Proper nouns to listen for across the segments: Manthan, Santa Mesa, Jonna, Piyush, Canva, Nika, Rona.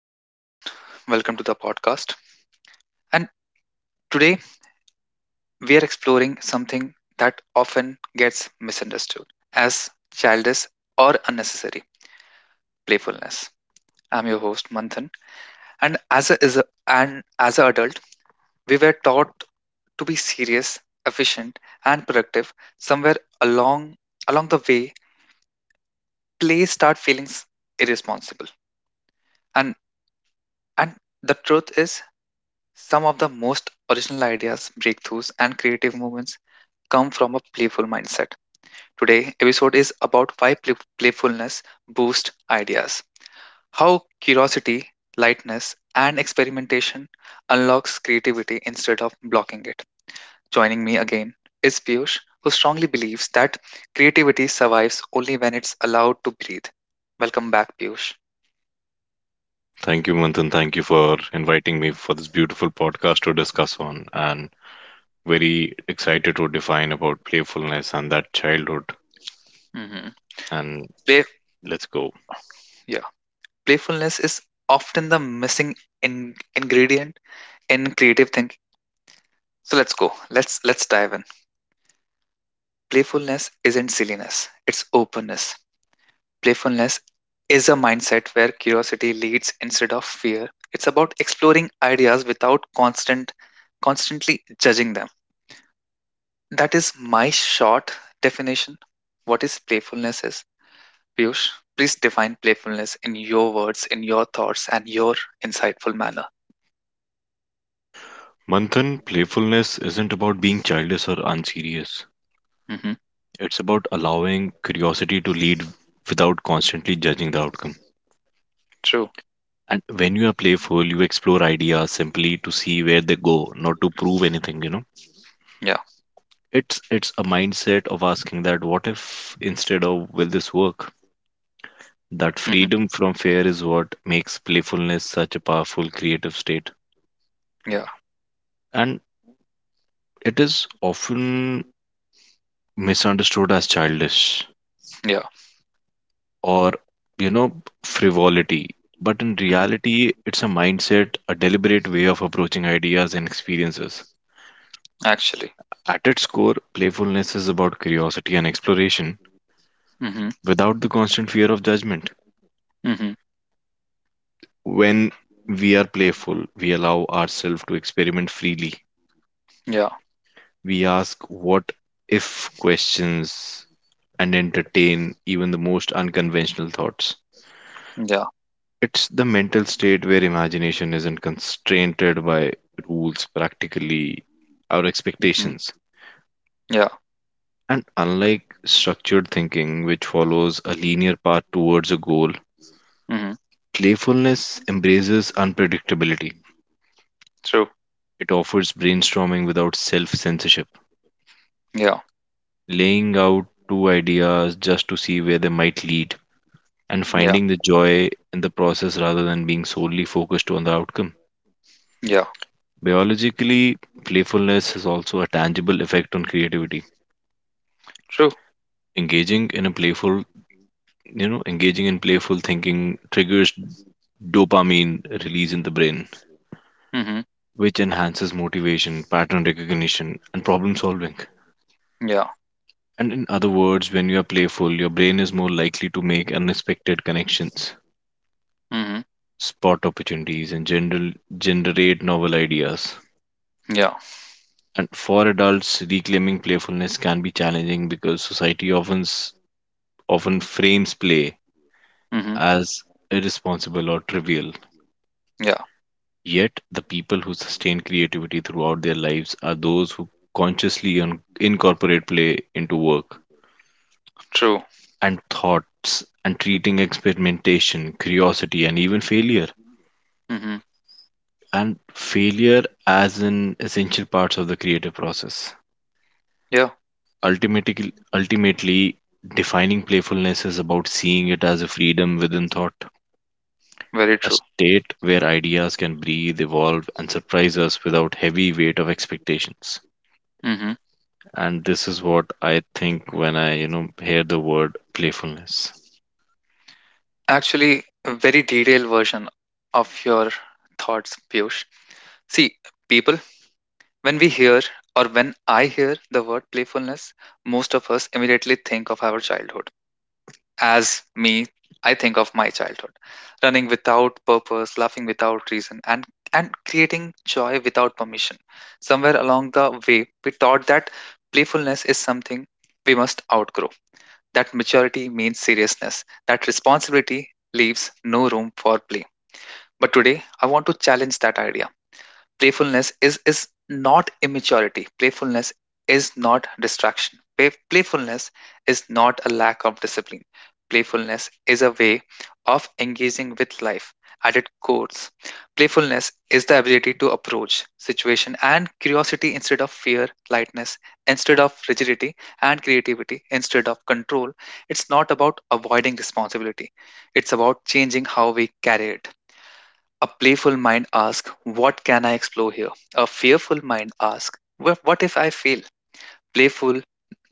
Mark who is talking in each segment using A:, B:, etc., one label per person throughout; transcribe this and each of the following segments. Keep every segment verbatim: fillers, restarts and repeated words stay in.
A: Hello, everyone. Welcome to the podcast. And today we are exploring something that often gets misunderstood as childish or unnecessary playfulness. I'm your host, Manthan. And as a, is a and as an adult, we were taught to be serious, efficient, and productive. Somewhere along along the way, play start feeling irresponsible. And and the truth is, some of the most original ideas, breakthroughs, and creative moments come from a playful mindset. Today, episode is about why play- playfulness boosts ideas, how curiosity, lightness, and experimentation unlocks creativity instead of blocking it. Joining me again is Piyush, who strongly believes that creativity survives only when it's allowed to breathe. Welcome back, Piyush.
B: Thank you, Manthan. Thank you for inviting me for this beautiful podcast to discuss on. And very excited to define about playfulness and that childhood.
A: hmm
B: And
A: Play,
B: let's go.
A: yeah, playfulness is often the missing in- ingredient in creative thinking. So let's go. Let's let's dive in. Playfulness isn't silliness, it's openness. Playfulness is a mindset where curiosity leads instead of fear. It's about exploring ideas without constant constantly judging them. That is my short definition. What is playfulness is? Piyush, please define playfulness in your words, in your thoughts, and your insightful manner.
B: Manthan, playfulness isn't about being childish or unserious.
A: hmm
B: It's about allowing curiosity to lead without constantly judging the outcome.
A: True.
B: And when you are playful, you explore ideas simply to see where they go, not to prove anything, you know.
A: Yeah.
B: It's it's a mindset of asking that what if instead of will this work? That
A: hmm
B: freedom from fear is what makes playfulness such a powerful creative state.
A: Yeah.
B: And it is often misunderstood as childish
A: Yeah.
B: or, you know, frivolity. But in
A: hmm
B: reality, it's a mindset, a deliberate way of approaching ideas and experiences.
A: Actually.
B: At its core, playfulness is about curiosity and exploration
A: hmm
B: without the constant fear of judgment.
A: hmm
B: When we are playful, we allow ourselves to experiment freely.
A: Yeah.
B: We ask what if questions and entertain even the most unconventional thoughts.
A: Yeah.
B: It's the mental state where imagination isn't constrained by rules, practically, our
A: Mhm.
B: expectations.
A: Yeah.
B: And unlike structured thinking, which follows a linear path towards a goal,
A: Mhm.
B: playfulness embraces unpredictability.
A: True.
B: It offers brainstorming without self censorship,
A: Yeah.
B: laying out two ideas just to see where they might lead and
A: Yeah.
B: finding the joy in the process rather than being solely focused on the outcome.
A: Yeah.
B: Biologically, playfulness has also a tangible effect on creativity.
A: True.
B: Engaging in a playful, you know, engaging in playful thinking triggers dopamine release in the brain,
A: Mhm.
B: which enhances motivation, pattern recognition, and problem solving.
A: Yeah.
B: And in other words, when you are playful, your brain is more likely to make unexpected connections,
A: Mhm.
B: spot opportunities, and general, generate novel ideas.
A: Yeah.
B: And for adults, reclaiming playfulness can be challenging because society often s- often frames play
A: Mhm.
B: as irresponsible or trivial.
A: Yeah.
B: Yet, the people who sustain creativity throughout their lives are those who consciously un- incorporate play into work
A: True.
B: and thoughts and treating experimentation, curiosity, and even failure
A: Mhm.
B: and failure as an essential parts of the creative process.
A: Yeah.
B: Ultimately, ultimately, defining playfulness is about seeing it as a freedom within thought,
A: Very
B: a
A: true.
B: state where ideas can breathe, evolve, and surprise us without heavy weight of expectations.
A: Mhm.
B: And this is what I think when I, you know, hear the word playfulness.
A: Actually, a very detailed version of your thoughts, Piyush. See, people, when we hear or when I hear the word playfulness, most of us immediately think of our childhood. As me, I think of my childhood, running without purpose, laughing without reason, and and creating joy without permission. Somewhere along the way, we taught that playfulness is something we must outgrow. That maturity means seriousness. That responsibility leaves no room for play. But today, I want to challenge that idea. Playfulness is is not immaturity. Playfulness is not distraction. Play- playfulness is not a lack of discipline. Playfulness is a way of engaging with life. At its core, playfulness is the ability to approach situation and curiosity instead of fear, lightness instead of rigidity, and creativity instead of control. It's not about avoiding responsibility, it's about changing how we carry it. A playful mind asks, "What can I explore here?" A fearful mind asks, "Wha- What if I fail?" Playful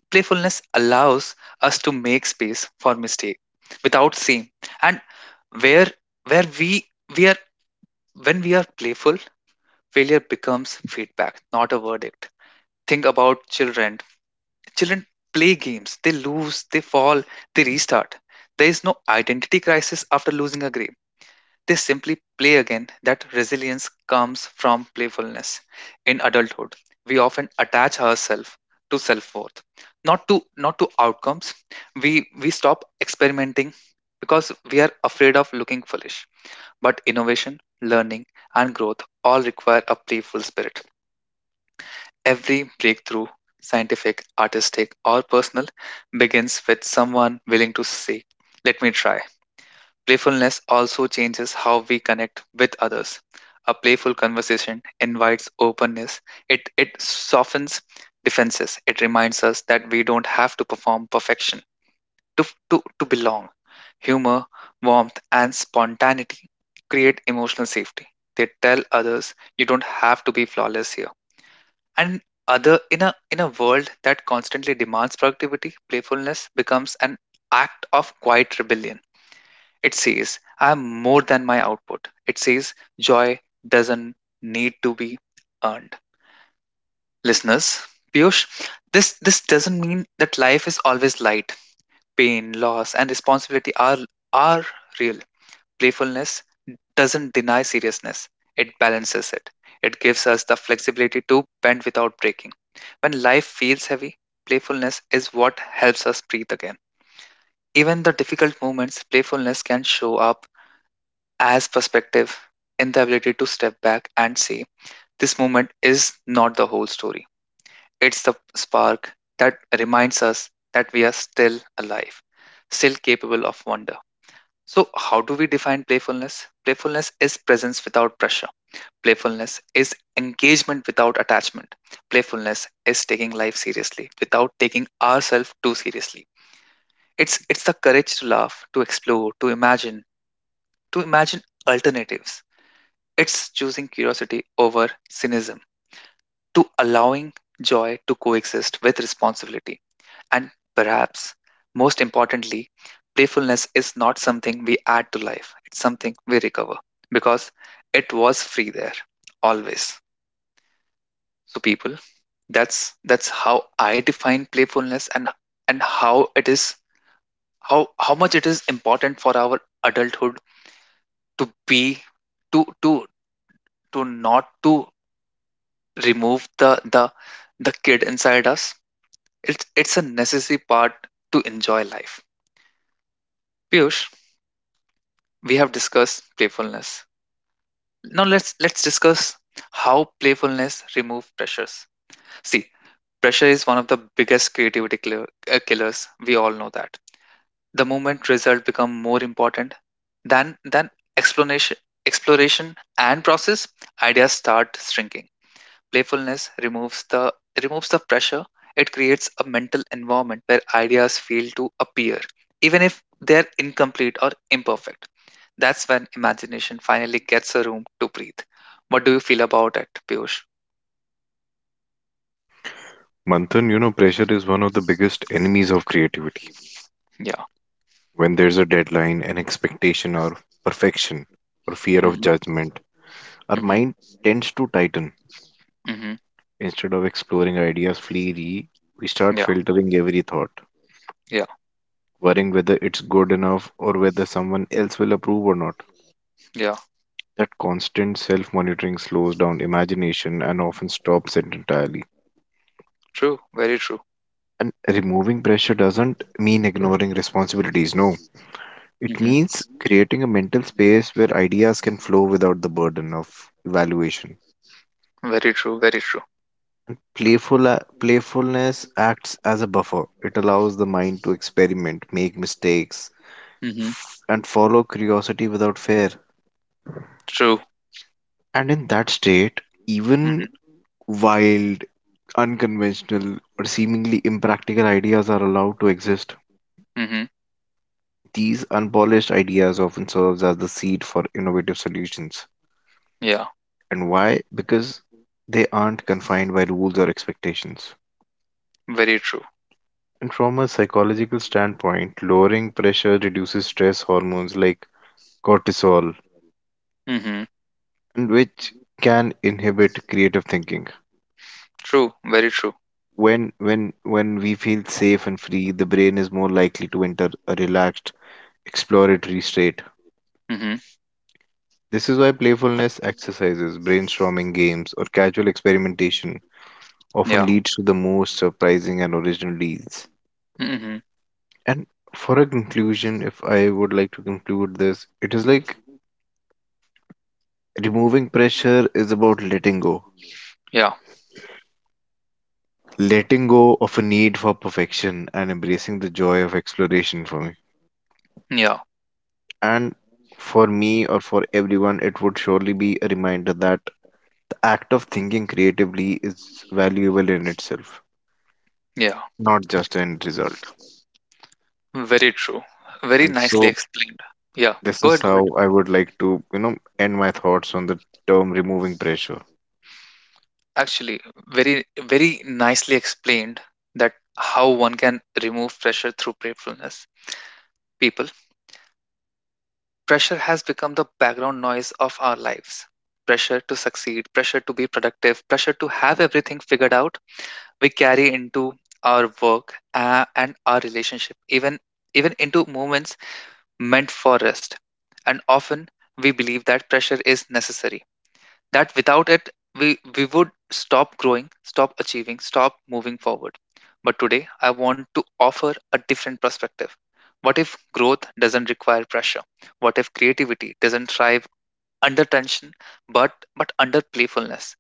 A: playfulness allows us to make space for mistake without shame. And where where we we are when we are playful, failure becomes feedback, not a verdict. Think about children. Children play games. They lose, they fall, they restart. There is no identity crisis after losing a game. They simply play again. That resilience comes from playfulness. In adulthood, we often attach ourselves to self-worth, not to not to outcomes. We we stop experimenting because we are afraid of looking foolish. But innovation, learning, and growth all require a playful spirit. Every breakthrough, scientific, artistic, or personal, begins with someone willing to say, "Let me try." Playfulness also changes how we connect with others. A playful conversation invites openness. It it softens defenses. It reminds us that we don't have to perform perfection to to, to belong. Humor, warmth, and spontaneity create emotional safety. They tell others you don't have to be flawless here. And other in a in a world that constantly demands productivity, playfulness becomes an act of quiet rebellion. It says, I am more than my output. It says, joy doesn't need to be earned. Listeners, Piyush, this, this doesn't mean that life is always light. Pain, loss, and responsibility are, are real. Playfulness doesn't deny seriousness, it balances it. It gives us the flexibility to bend without breaking. When life feels heavy, playfulness is what helps us breathe again. Even the difficult moments, playfulness can show up as perspective in the ability to step back and say, this moment is not the whole story. It's the spark that reminds us that we are still alive, still capable of wonder. So, how do we define playfulness? Playfulness is presence without pressure. Playfulness is engagement without attachment. Playfulness is taking life seriously without taking ourselves too seriously. It's it's the courage to laugh, to explore, to imagine, to imagine alternatives. It's choosing curiosity over cynicism, to allowing joy to coexist with responsibility. And perhaps most importantly, playfulness is not something we add to life, it's something we recover because it was free there always. So people, that's that's how I define playfulness and and how it is how how much it is important for our adulthood to be to to to not to remove the the the kid inside us. It's it's a necessary part to enjoy life. Piyush, we have discussed playfulness. Now let's let's discuss how playfulness remove pressures. See, pressure is one of the biggest creativity killer, uh, killers. We all know that. The moment result become more important than than explanation exploration and process, ideas start shrinking. Playfulness removes the removes the pressure. It creates a mental environment where ideas feel to appear, even if they're incomplete or imperfect. That's when imagination finally gets a room to breathe. What do you feel about it, Piyush?
B: Manthan, you know, pressure is one of the biggest enemies of creativity.
A: Yeah.
B: When there's a deadline, an expectation, or perfection, or fear of
A: hmm
B: judgment, our
A: hmm
B: mind tends to tighten.
A: hmm
B: Instead of exploring ideas freely, we start
A: Yeah.
B: filtering every thought,
A: Yeah.
B: worrying whether it's good enough or whether someone else will approve or not.
A: Yeah.
B: That constant self monitoring slows down imagination and often stops it entirely.
A: True. Very true.
B: And removing pressure doesn't mean ignoring responsibilities, no. It
A: hmm
B: means creating a mental space where ideas can flow without the burden of evaluation.
A: Very true. Very true.
B: Playful, uh, playfulness acts as a buffer. It allows the mind to experiment, make mistakes,
A: hmm
B: and follow curiosity without fear.
A: True.
B: And in that state, even
A: hmm
B: wild, unconventional, or seemingly impractical ideas are allowed to exist.
A: hmm
B: These unpolished ideas often serves as the seed for innovative solutions.
A: Yeah.
B: And why? Because they aren't confined by rules or expectations.
A: Very true.
B: And from a psychological standpoint, lowering pressure reduces stress hormones like cortisol,
A: hmm
B: and which can inhibit creative thinking.
A: True. Very true.
B: When when when we feel safe and free, the brain is more likely to enter a relaxed, exploratory state.
A: hmm
B: This is why playfulness exercises, brainstorming games, or casual experimentation often
A: Yeah.
B: leads to the most surprising and original deals.
A: hmm
B: And for a conclusion, if I would like to conclude this, it is like removing pressure is about letting go.
A: Yeah.
B: Letting go of a need for perfection and embracing the joy of exploration for me.
A: Yeah.
B: And for me or for everyone, it would surely be a reminder that the act of thinking creatively is valuable in itself,
A: Yeah.
B: not just an end result.
A: Very true. Very
B: And
A: nicely
B: so,
A: explained. Yeah,
B: this
A: go
B: is
A: ahead, go ahead.
B: how I would like to, you know, end my thoughts on the term removing pressure.
A: Actually, very, very nicely explained that how one can remove pressure through playfulness. People, pressure has become the background noise of our lives. Pressure to succeed, pressure to be productive, pressure to have everything figured out. We carry into our work uh, and our relationship, even even into moments meant for rest. And often we believe that pressure is necessary, that without it we we would stop growing, stop achieving, stop moving forward. But today I want to offer a different perspective. What if growth doesn't require pressure? What if creativity doesn't thrive under tension, but but under playfulness?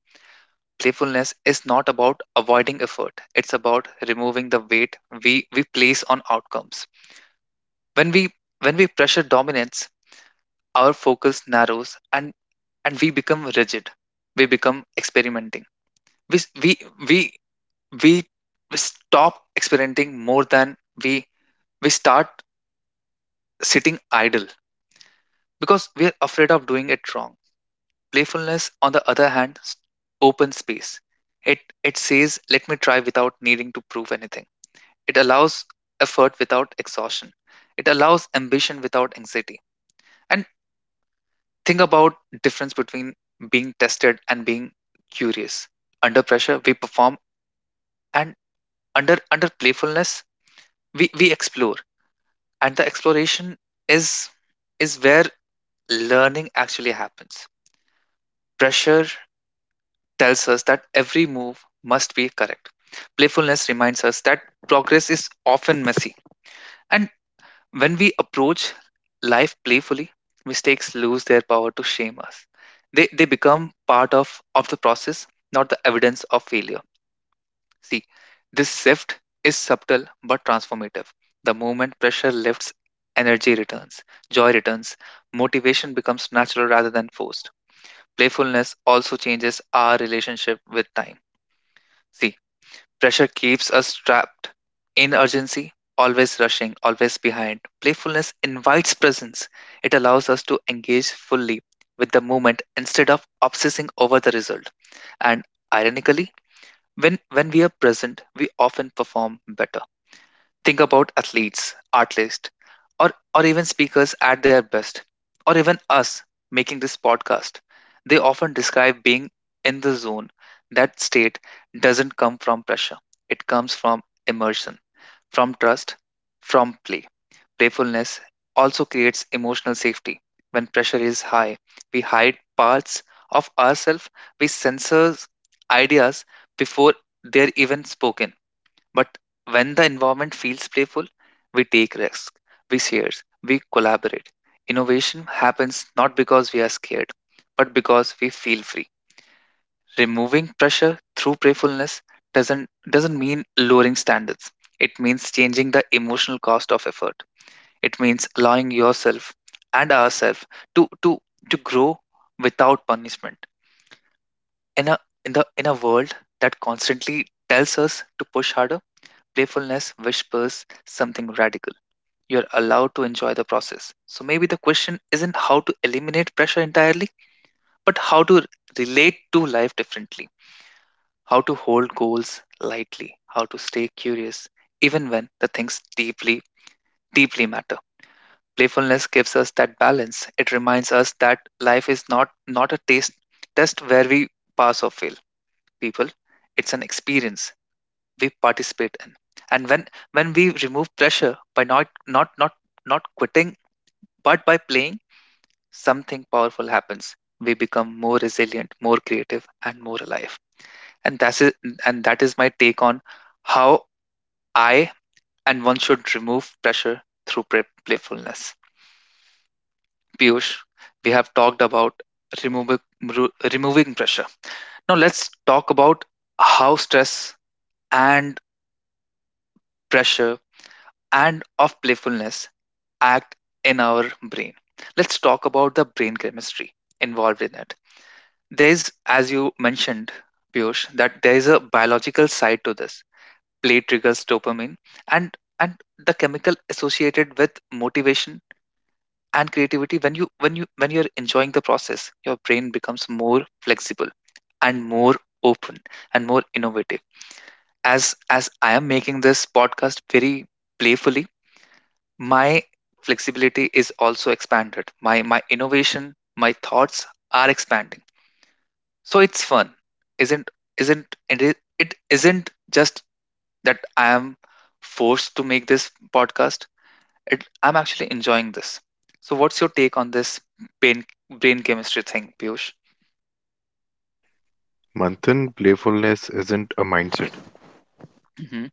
A: Playfulness is not about avoiding effort, it's about removing the weight we we place on outcomes. When we when we pressure dominates, our focus narrows, and and we become rigid. We become experimenting we s- we we we we stop experimenting. More than we we start sitting idle because we are afraid of doing it wrong. Playfulness on the other hand s- open space. It it says let me try without needing to prove anything. It allows effort without exhaustion. It allows ambition without anxiety. And think about difference between being tested and being curious. Under pressure we perform, and under under playfulness we we explore. And the exploration is is where learning actually happens. Pressure tells us that every move must be correct. Playfulness reminds us that progress is often messy. And when we approach life playfully, mistakes lose their power to shame us. They they become part of of the process, not the evidence of failure. See, this shift is subtle but transformative. The moment pressure lifts, energy returns, joy returns, motivation becomes natural rather than forced. Playfulness also changes our relationship with time. See, pressure keeps us trapped in urgency, always rushing, always behind. Playfulness invites presence, it allows us to engage fully with the moment instead of obsessing over the result. And ironically, when when we are present, we often perform better. Think about athletes, artists, or or even speakers at their best, or even us making this podcast. They often describe being in the zone. That state doesn't come from pressure. It comes from immersion, from trust, from play. Playfulness also creates emotional safety. When pressure is high, we hide parts of ourselves, we censor ideas before they're even spoken. But when the environment feels playful, we take risks, we share, we collaborate. Innovation happens not because we are scared, but because we feel free. Removing pressure through prayerfulness doesn't doesn't mean lowering standards. It means changing the emotional cost of effort. It means allowing yourself and ourselves to to to grow without punishment. In a in the in a world that constantly tells us to push harder, playfulness whispers something radical. You're allowed to enjoy the process. So maybe the question isn't how to eliminate pressure entirely, but how to relate to life differently, how to hold goals lightly, how to stay curious, even when the things deeply, deeply matter. Playfulness gives us that balance. It reminds us that life is not not a taste test where we pass or fail. People, it's an experience we participate in. And when when we remove pressure by not not not not quitting, but by playing, something powerful happens. We become more resilient, more creative, and more alive. And that's it, and that is my take on how I and one should remove pressure through play- playfulness. Piyush, we have talked about removing remo- removing pressure. Now let's talk about how stress and pressure and of playfulness act in our brain. Let's talk about the brain chemistry involved in it. There's, as you mentioned, Piyush, that there is a biological side to this. Play triggers dopamine and and the chemical associated with motivation and creativity. When you when you when you're enjoying the process, your brain becomes more flexible and more open and more innovative. As as I am making this podcast very playfully, my flexibility is also expanded, my my innovation, my thoughts are expanding. So it's fun, isn't isn't and it, it isn't just that I am forced to make this podcast, it, I'm actually enjoying this. So, what's your take on this brain brain chemistry thing, Piyush?
B: Manthan, playfulness isn't a mindset.
A: Hmm.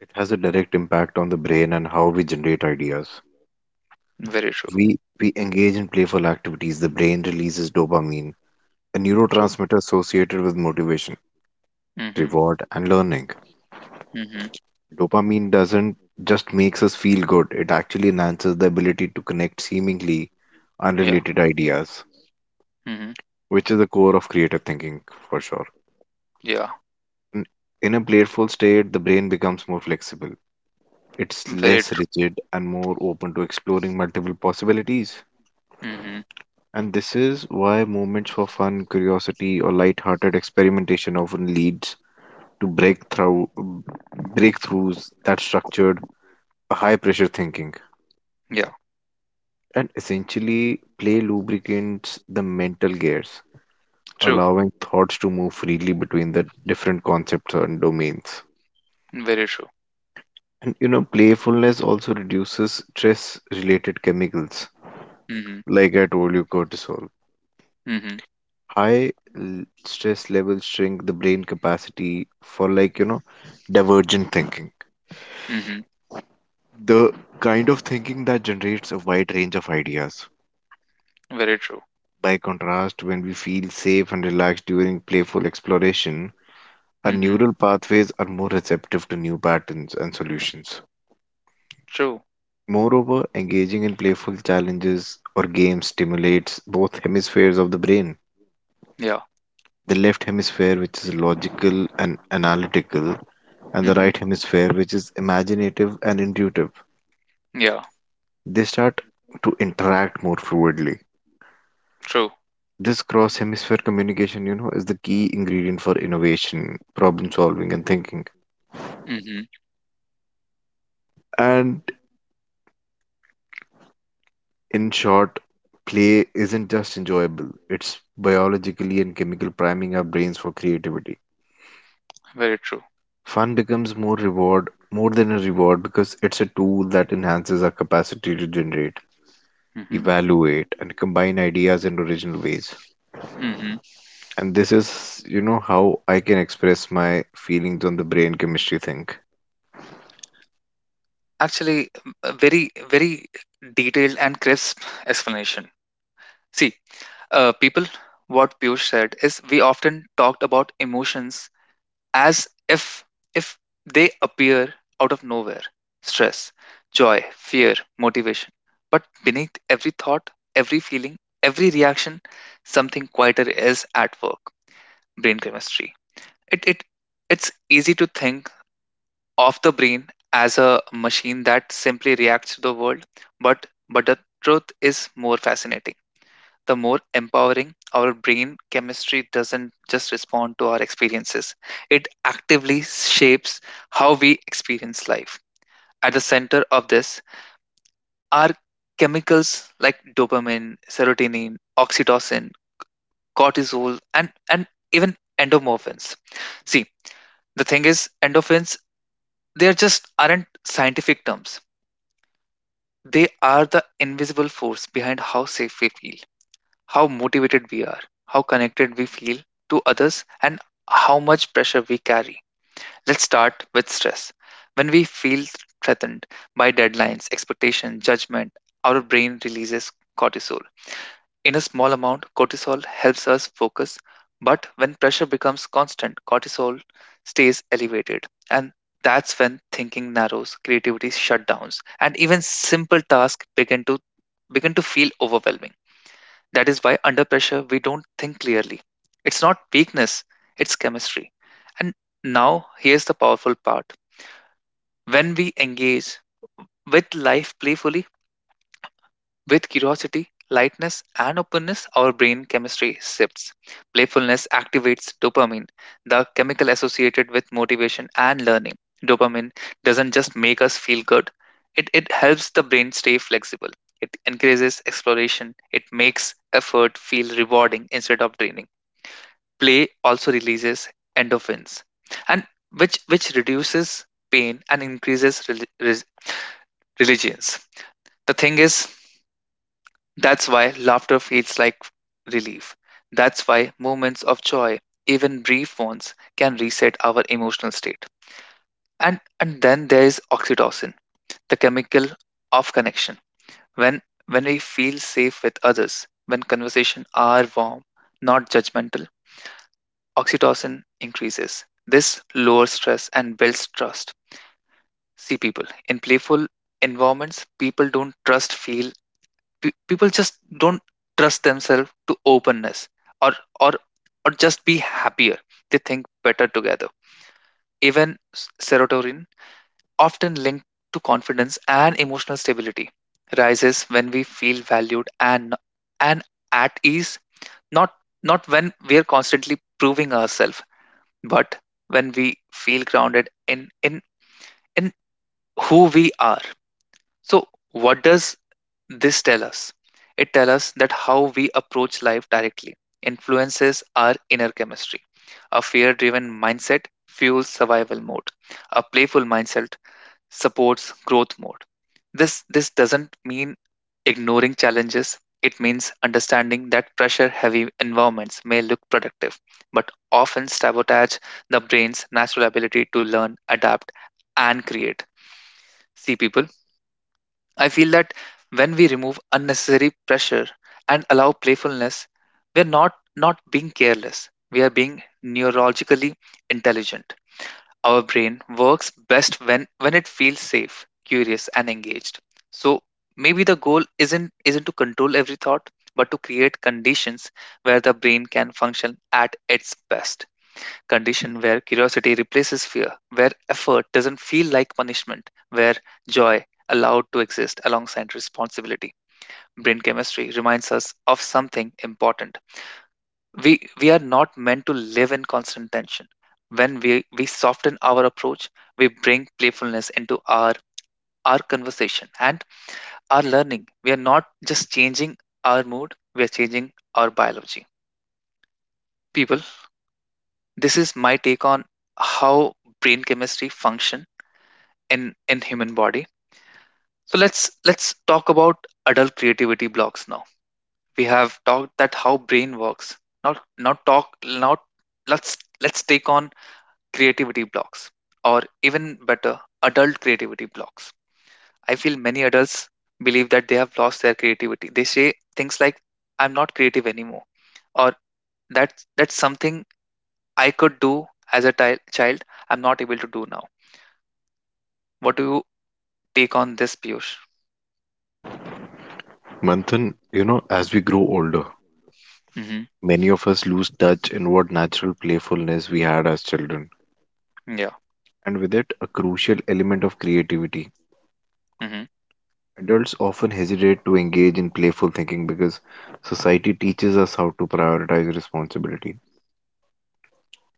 B: It has a direct impact on the brain and how we generate ideas.
A: Very true.
B: We we engage in playful activities, the brain releases dopamine, a
A: True.
B: neurotransmitter associated with motivation,
A: Hmm.
B: reward, and learning.
A: Hmm.
B: Dopamine doesn't just makes us feel good, it actually enhances the ability to connect seemingly
A: Yeah.
B: unrelated ideas,
A: Hmm.
B: which is the core of creative thinking for sure.
A: Yeah.
B: In in a playful state, the brain becomes more flexible. It's
A: Very
B: less
A: true.
B: rigid and more open to exploring multiple possibilities.
A: Hmm.
B: And this is why moments for fun, curiosity, or light-hearted experimentation often leads to breakthrough breakthroughs that structured high-pressure thinking.
A: Yeah.
B: And essentially, play lubricates the mental gears,
A: True.
B: allowing thoughts to move freely between the different concepts and domains.
A: Very true.
B: And you know, playfulness also reduces stress related chemicals,
A: Hmm.
B: like I told you, cortisol.
A: Hmm.
B: High l- stress levels shrink the brain capacity for, like, you know, divergent thinking,
A: Hmm.
B: the kind of thinking that generates a wide range of ideas.
A: Very true.
B: By contrast, when we feel safe and relaxed during playful exploration, our
A: Hmm.
B: neural pathways are more receptive to new patterns and solutions.
A: True.
B: Moreover, engaging in playful challenges or games stimulates both hemispheres of the brain.
A: Yeah.
B: The left hemisphere, which is logical and analytical, and the
A: Hmm.
B: right hemisphere, which is imaginative and intuitive.
A: Yeah.
B: They start to interact more fluidly.
A: True.
B: This cross hemisphere communication, you know, is the key ingredient for innovation, problem solving, and thinking.
A: Hmm.
B: And in short, play isn't just enjoyable, it's biologically and chemical priming our brains for creativity.
A: Very true.
B: Fun becomes more reward, more than a reward because it's a tool that enhances our capacity to generate,
A: Hmm.
B: evaluate, and combine ideas in original ways.
A: Hmm.
B: And this is, you know, how I can express my feelings on the brain chemistry thing.
A: Actually, a very very detailed and crisp explanation. See, uh, people, what Piyush said is we often talked about emotions as if if they appear out of nowhere. Stress, joy, fear, motivation. But beneath every thought, every feeling, every reaction, something quieter is at work. Brain chemistry. It it it's easy to think of the brain as a machine that simply reacts to the world, but but the truth is more fascinating, the more empowering. Our brain chemistry doesn't just respond to our experiences, it actively shapes how we experience life. At the center of this are chemicals like dopamine, serotonin, oxytocin, cortisol, and, and even endorphins. See, the thing is, endorphins, they just aren't scientific terms. They are the invisible force behind how safe we feel, how motivated we are, how connected we feel to others, and how much pressure we carry. Let's start with stress. When we feel threatened by deadlines, expectation, judgment, our brain releases cortisol. In a small amount, cortisol helps us focus, but when pressure becomes constant, cortisol stays elevated. And that's when thinking narrows, creativity shutdowns, and even simple tasks begin to begin to feel overwhelming. That is why under pressure we don't think clearly. It's not weakness, it's chemistry. And now here's the powerful part. When we engage with life playfully, with curiosity, lightness, and openness, our brain chemistry shifts. Playfulness activates dopamine, the chemical associated with motivation and learning. Dopamine doesn't just make us feel good, it, it helps the brain stay flexible. It encourages exploration, it makes effort feel rewarding instead of draining. Play also releases endorphins and which which reduces pain and increases rel- res- religions. The thing is, that's why laughter feels like relief, that's why moments of joy, even brief ones, can reset our emotional state. And and then there is oxytocin, the chemical of connection. When when we feel safe with others, when conversations are warm, not judgmental, oxytocin increases. This lowers stress and builds trust. See, people in playful environments, people don't trust feel pe- people just don't trust themselves to openness or or or just be happier. They think better together. Even s- serotonin, often linked to confidence and emotional stability, rises when we feel valued and and at ease, not not when we are constantly proving ourselves, but when we feel grounded in in in who we are. So what does this tell us? It tells us that how we approach life directly influences our inner chemistry. A fear driven mindset fuels survival mode, a playful mindset supports growth mode. This this doesn't mean ignoring challenges. It means understanding that pressure heavy environments may look productive, but often sabotage the brain's natural ability to learn, adapt, and create. See, people, I feel that when we remove unnecessary pressure and allow playfulness, we're not not being careless. We are being neurologically intelligent. Our brain works best when, when it feels safe, curious, and engaged. So maybe the goal isn't isn't to control every thought, but to create conditions where the brain can function at its best. Condition where curiosity replaces fear, where effort doesn't feel like punishment, where joy allowed to exist alongside responsibility. Brain chemistry reminds us of something important. We we are not meant to live in constant tension. When we we soften our approach, we bring playfulness into our our conversation and our learning, we are not just changing our mood, we are changing our biology. People, this is my take on how brain chemistry function in in human body. So let's let's talk about adult creativity blocks now. We have talked that how brain works, not not talk not let's let's take on creativity blocks, or even better, adult creativity blocks. I feel many adults believe that they have lost their creativity. They say things like, I'm not creative anymore, or that's, that's something I could do as a ti- child, I'm not able to do now. What do you take on this, Piyush?
B: Manthan, you know, as we grow older,
A: Mm-hmm.
B: many of us lose touch in what natural playfulness we had as children,
A: Yeah.
B: and with it, a crucial element of creativity.
A: Mm-hmm.
B: Adults often hesitate to engage in playful thinking because society teaches us how to prioritize responsibility,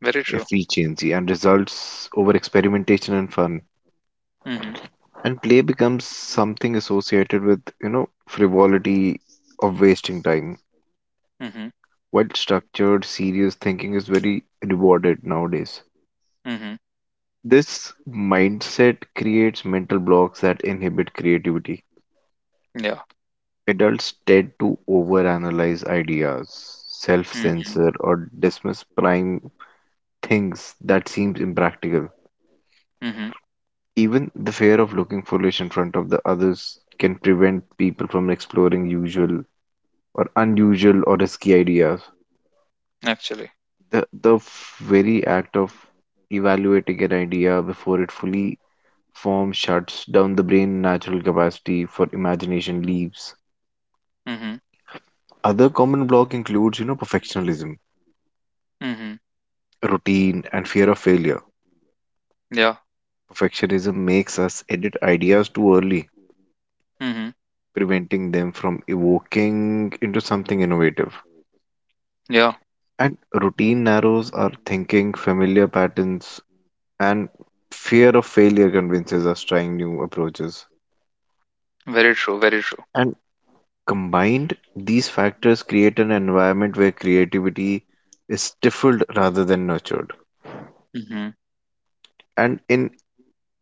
A: Very true.
B: efficiency, and results over experimentation and fun.
A: Mm-hmm.
B: And play becomes something associated with, you know, frivolity of wasting time,
A: Mm-hmm.
B: while structured, serious thinking is very rewarded nowadays.
A: Mm-hmm.
B: This mindset creates mental blocks that inhibit creativity.
A: Yeah.
B: Adults tend to overanalyze ideas,
A: Mm-hmm.
B: self-censor, or dismiss prime things that seems impractical.
A: Mm-hmm.
B: Even the fear of looking foolish in front of the others can prevent people from exploring usual or unusual or risky ideas.
A: Actually.
B: The the f- very act of evaluating an idea before it fully forms shuts down the brain natural capacity for imagination leaves.
A: Mm-hmm.
B: Other common block includes, you know, perfectionism,
A: Mm-hmm.
B: routine, and fear of failure.
A: Yeah.
B: Perfectionism makes us edit ideas too early,
A: Mm-hmm.
B: preventing them from evoking into something innovative.
A: Yeah.
B: And routine narrows our thinking, familiar patterns, and fear of failure convinces us trying new approaches.
A: Very true. Very true.
B: And combined, these factors create an environment where creativity is stifled rather than nurtured.
A: Mm-hmm.
B: And in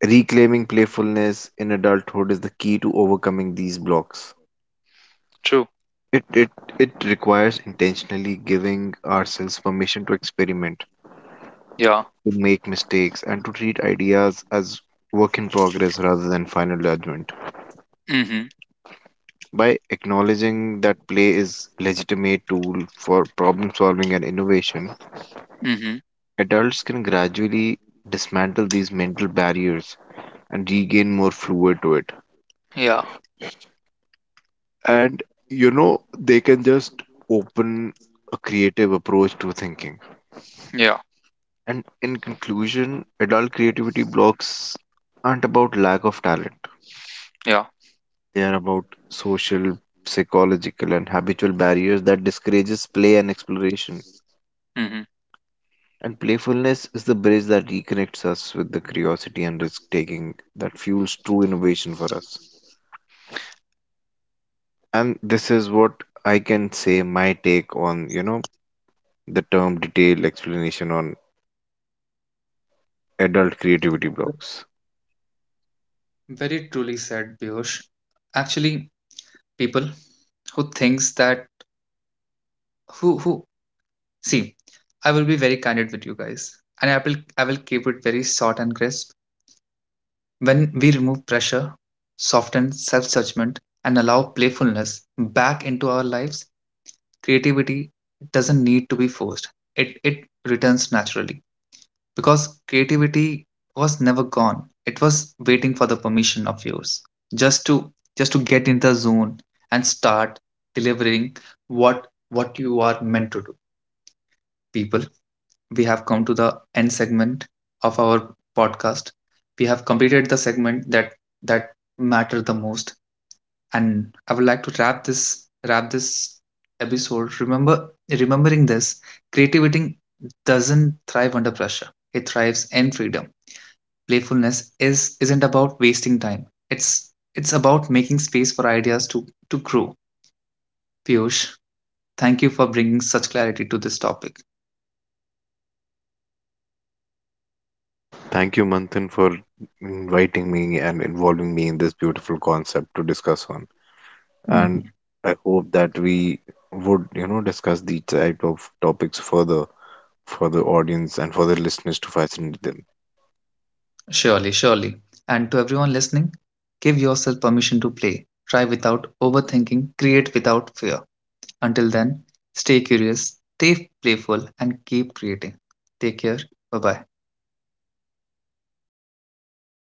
B: reclaiming playfulness in adulthood is the key to overcoming these blocks.
A: True.
B: It it it requires intentionally giving ourselves permission to experiment,
A: Yeah.
B: to make mistakes, and to treat ideas as work in progress rather than final judgment.
A: Mhm.
B: By acknowledging that play is legitimate tool for problem solving and innovation,
A: Mhm.
B: adults can gradually dismantle these mental barriers and regain more fluid to it.
A: Yeah.
B: And you know, they can just open a creative approach to thinking.
A: Yeah.
B: And in conclusion, adult creativity blocks aren't about lack of talent.
A: Yeah.
B: They are about social, psychological, and habitual barriers that discourages play and exploration.
A: Mhm.
B: And playfulness is the bridge that reconnects us with the curiosity and risk taking that fuels true innovation for us. And this is what I can say my take on, you know, the term detailed explanation on adult
A: Ve-
B: creativity blocks.
A: Very truly said, Piyush. Actually, people who thinks that who who see, I will be very candid with you guys, and I will I will keep it very short and crisp. When we remove pressure, soften self-judgment, and allow playfulness back into our lives, creativity doesn't need to be forced. It it returns naturally. Because creativity was never gone, it was waiting for the permission of yours, just to just to get in the zone and start delivering what what you are meant to do. People, we have come to the end segment of our podcast. We have completed the segment that that matter the most, and I would like to wrap this wrap this episode, remember remembering this. Creativity doesn't thrive under pressure, it thrives in freedom. Playfulness is isn't about wasting time. It's it's about making space for ideas to to grow. Piyush, thank you for bringing such clarity to this topic.
B: Thank you, Manthan, for inviting me and involving me in this beautiful concept to discuss on. And
A: Mhm.
B: I hope that we would, you know, discuss these type of topics further for the audience and for the listeners to fascinate them.
A: Surely, surely. And to everyone listening, give yourself permission to play. Try without overthinking, create without fear. Until then, stay curious, stay playful, and keep creating. Take care. Bye bye.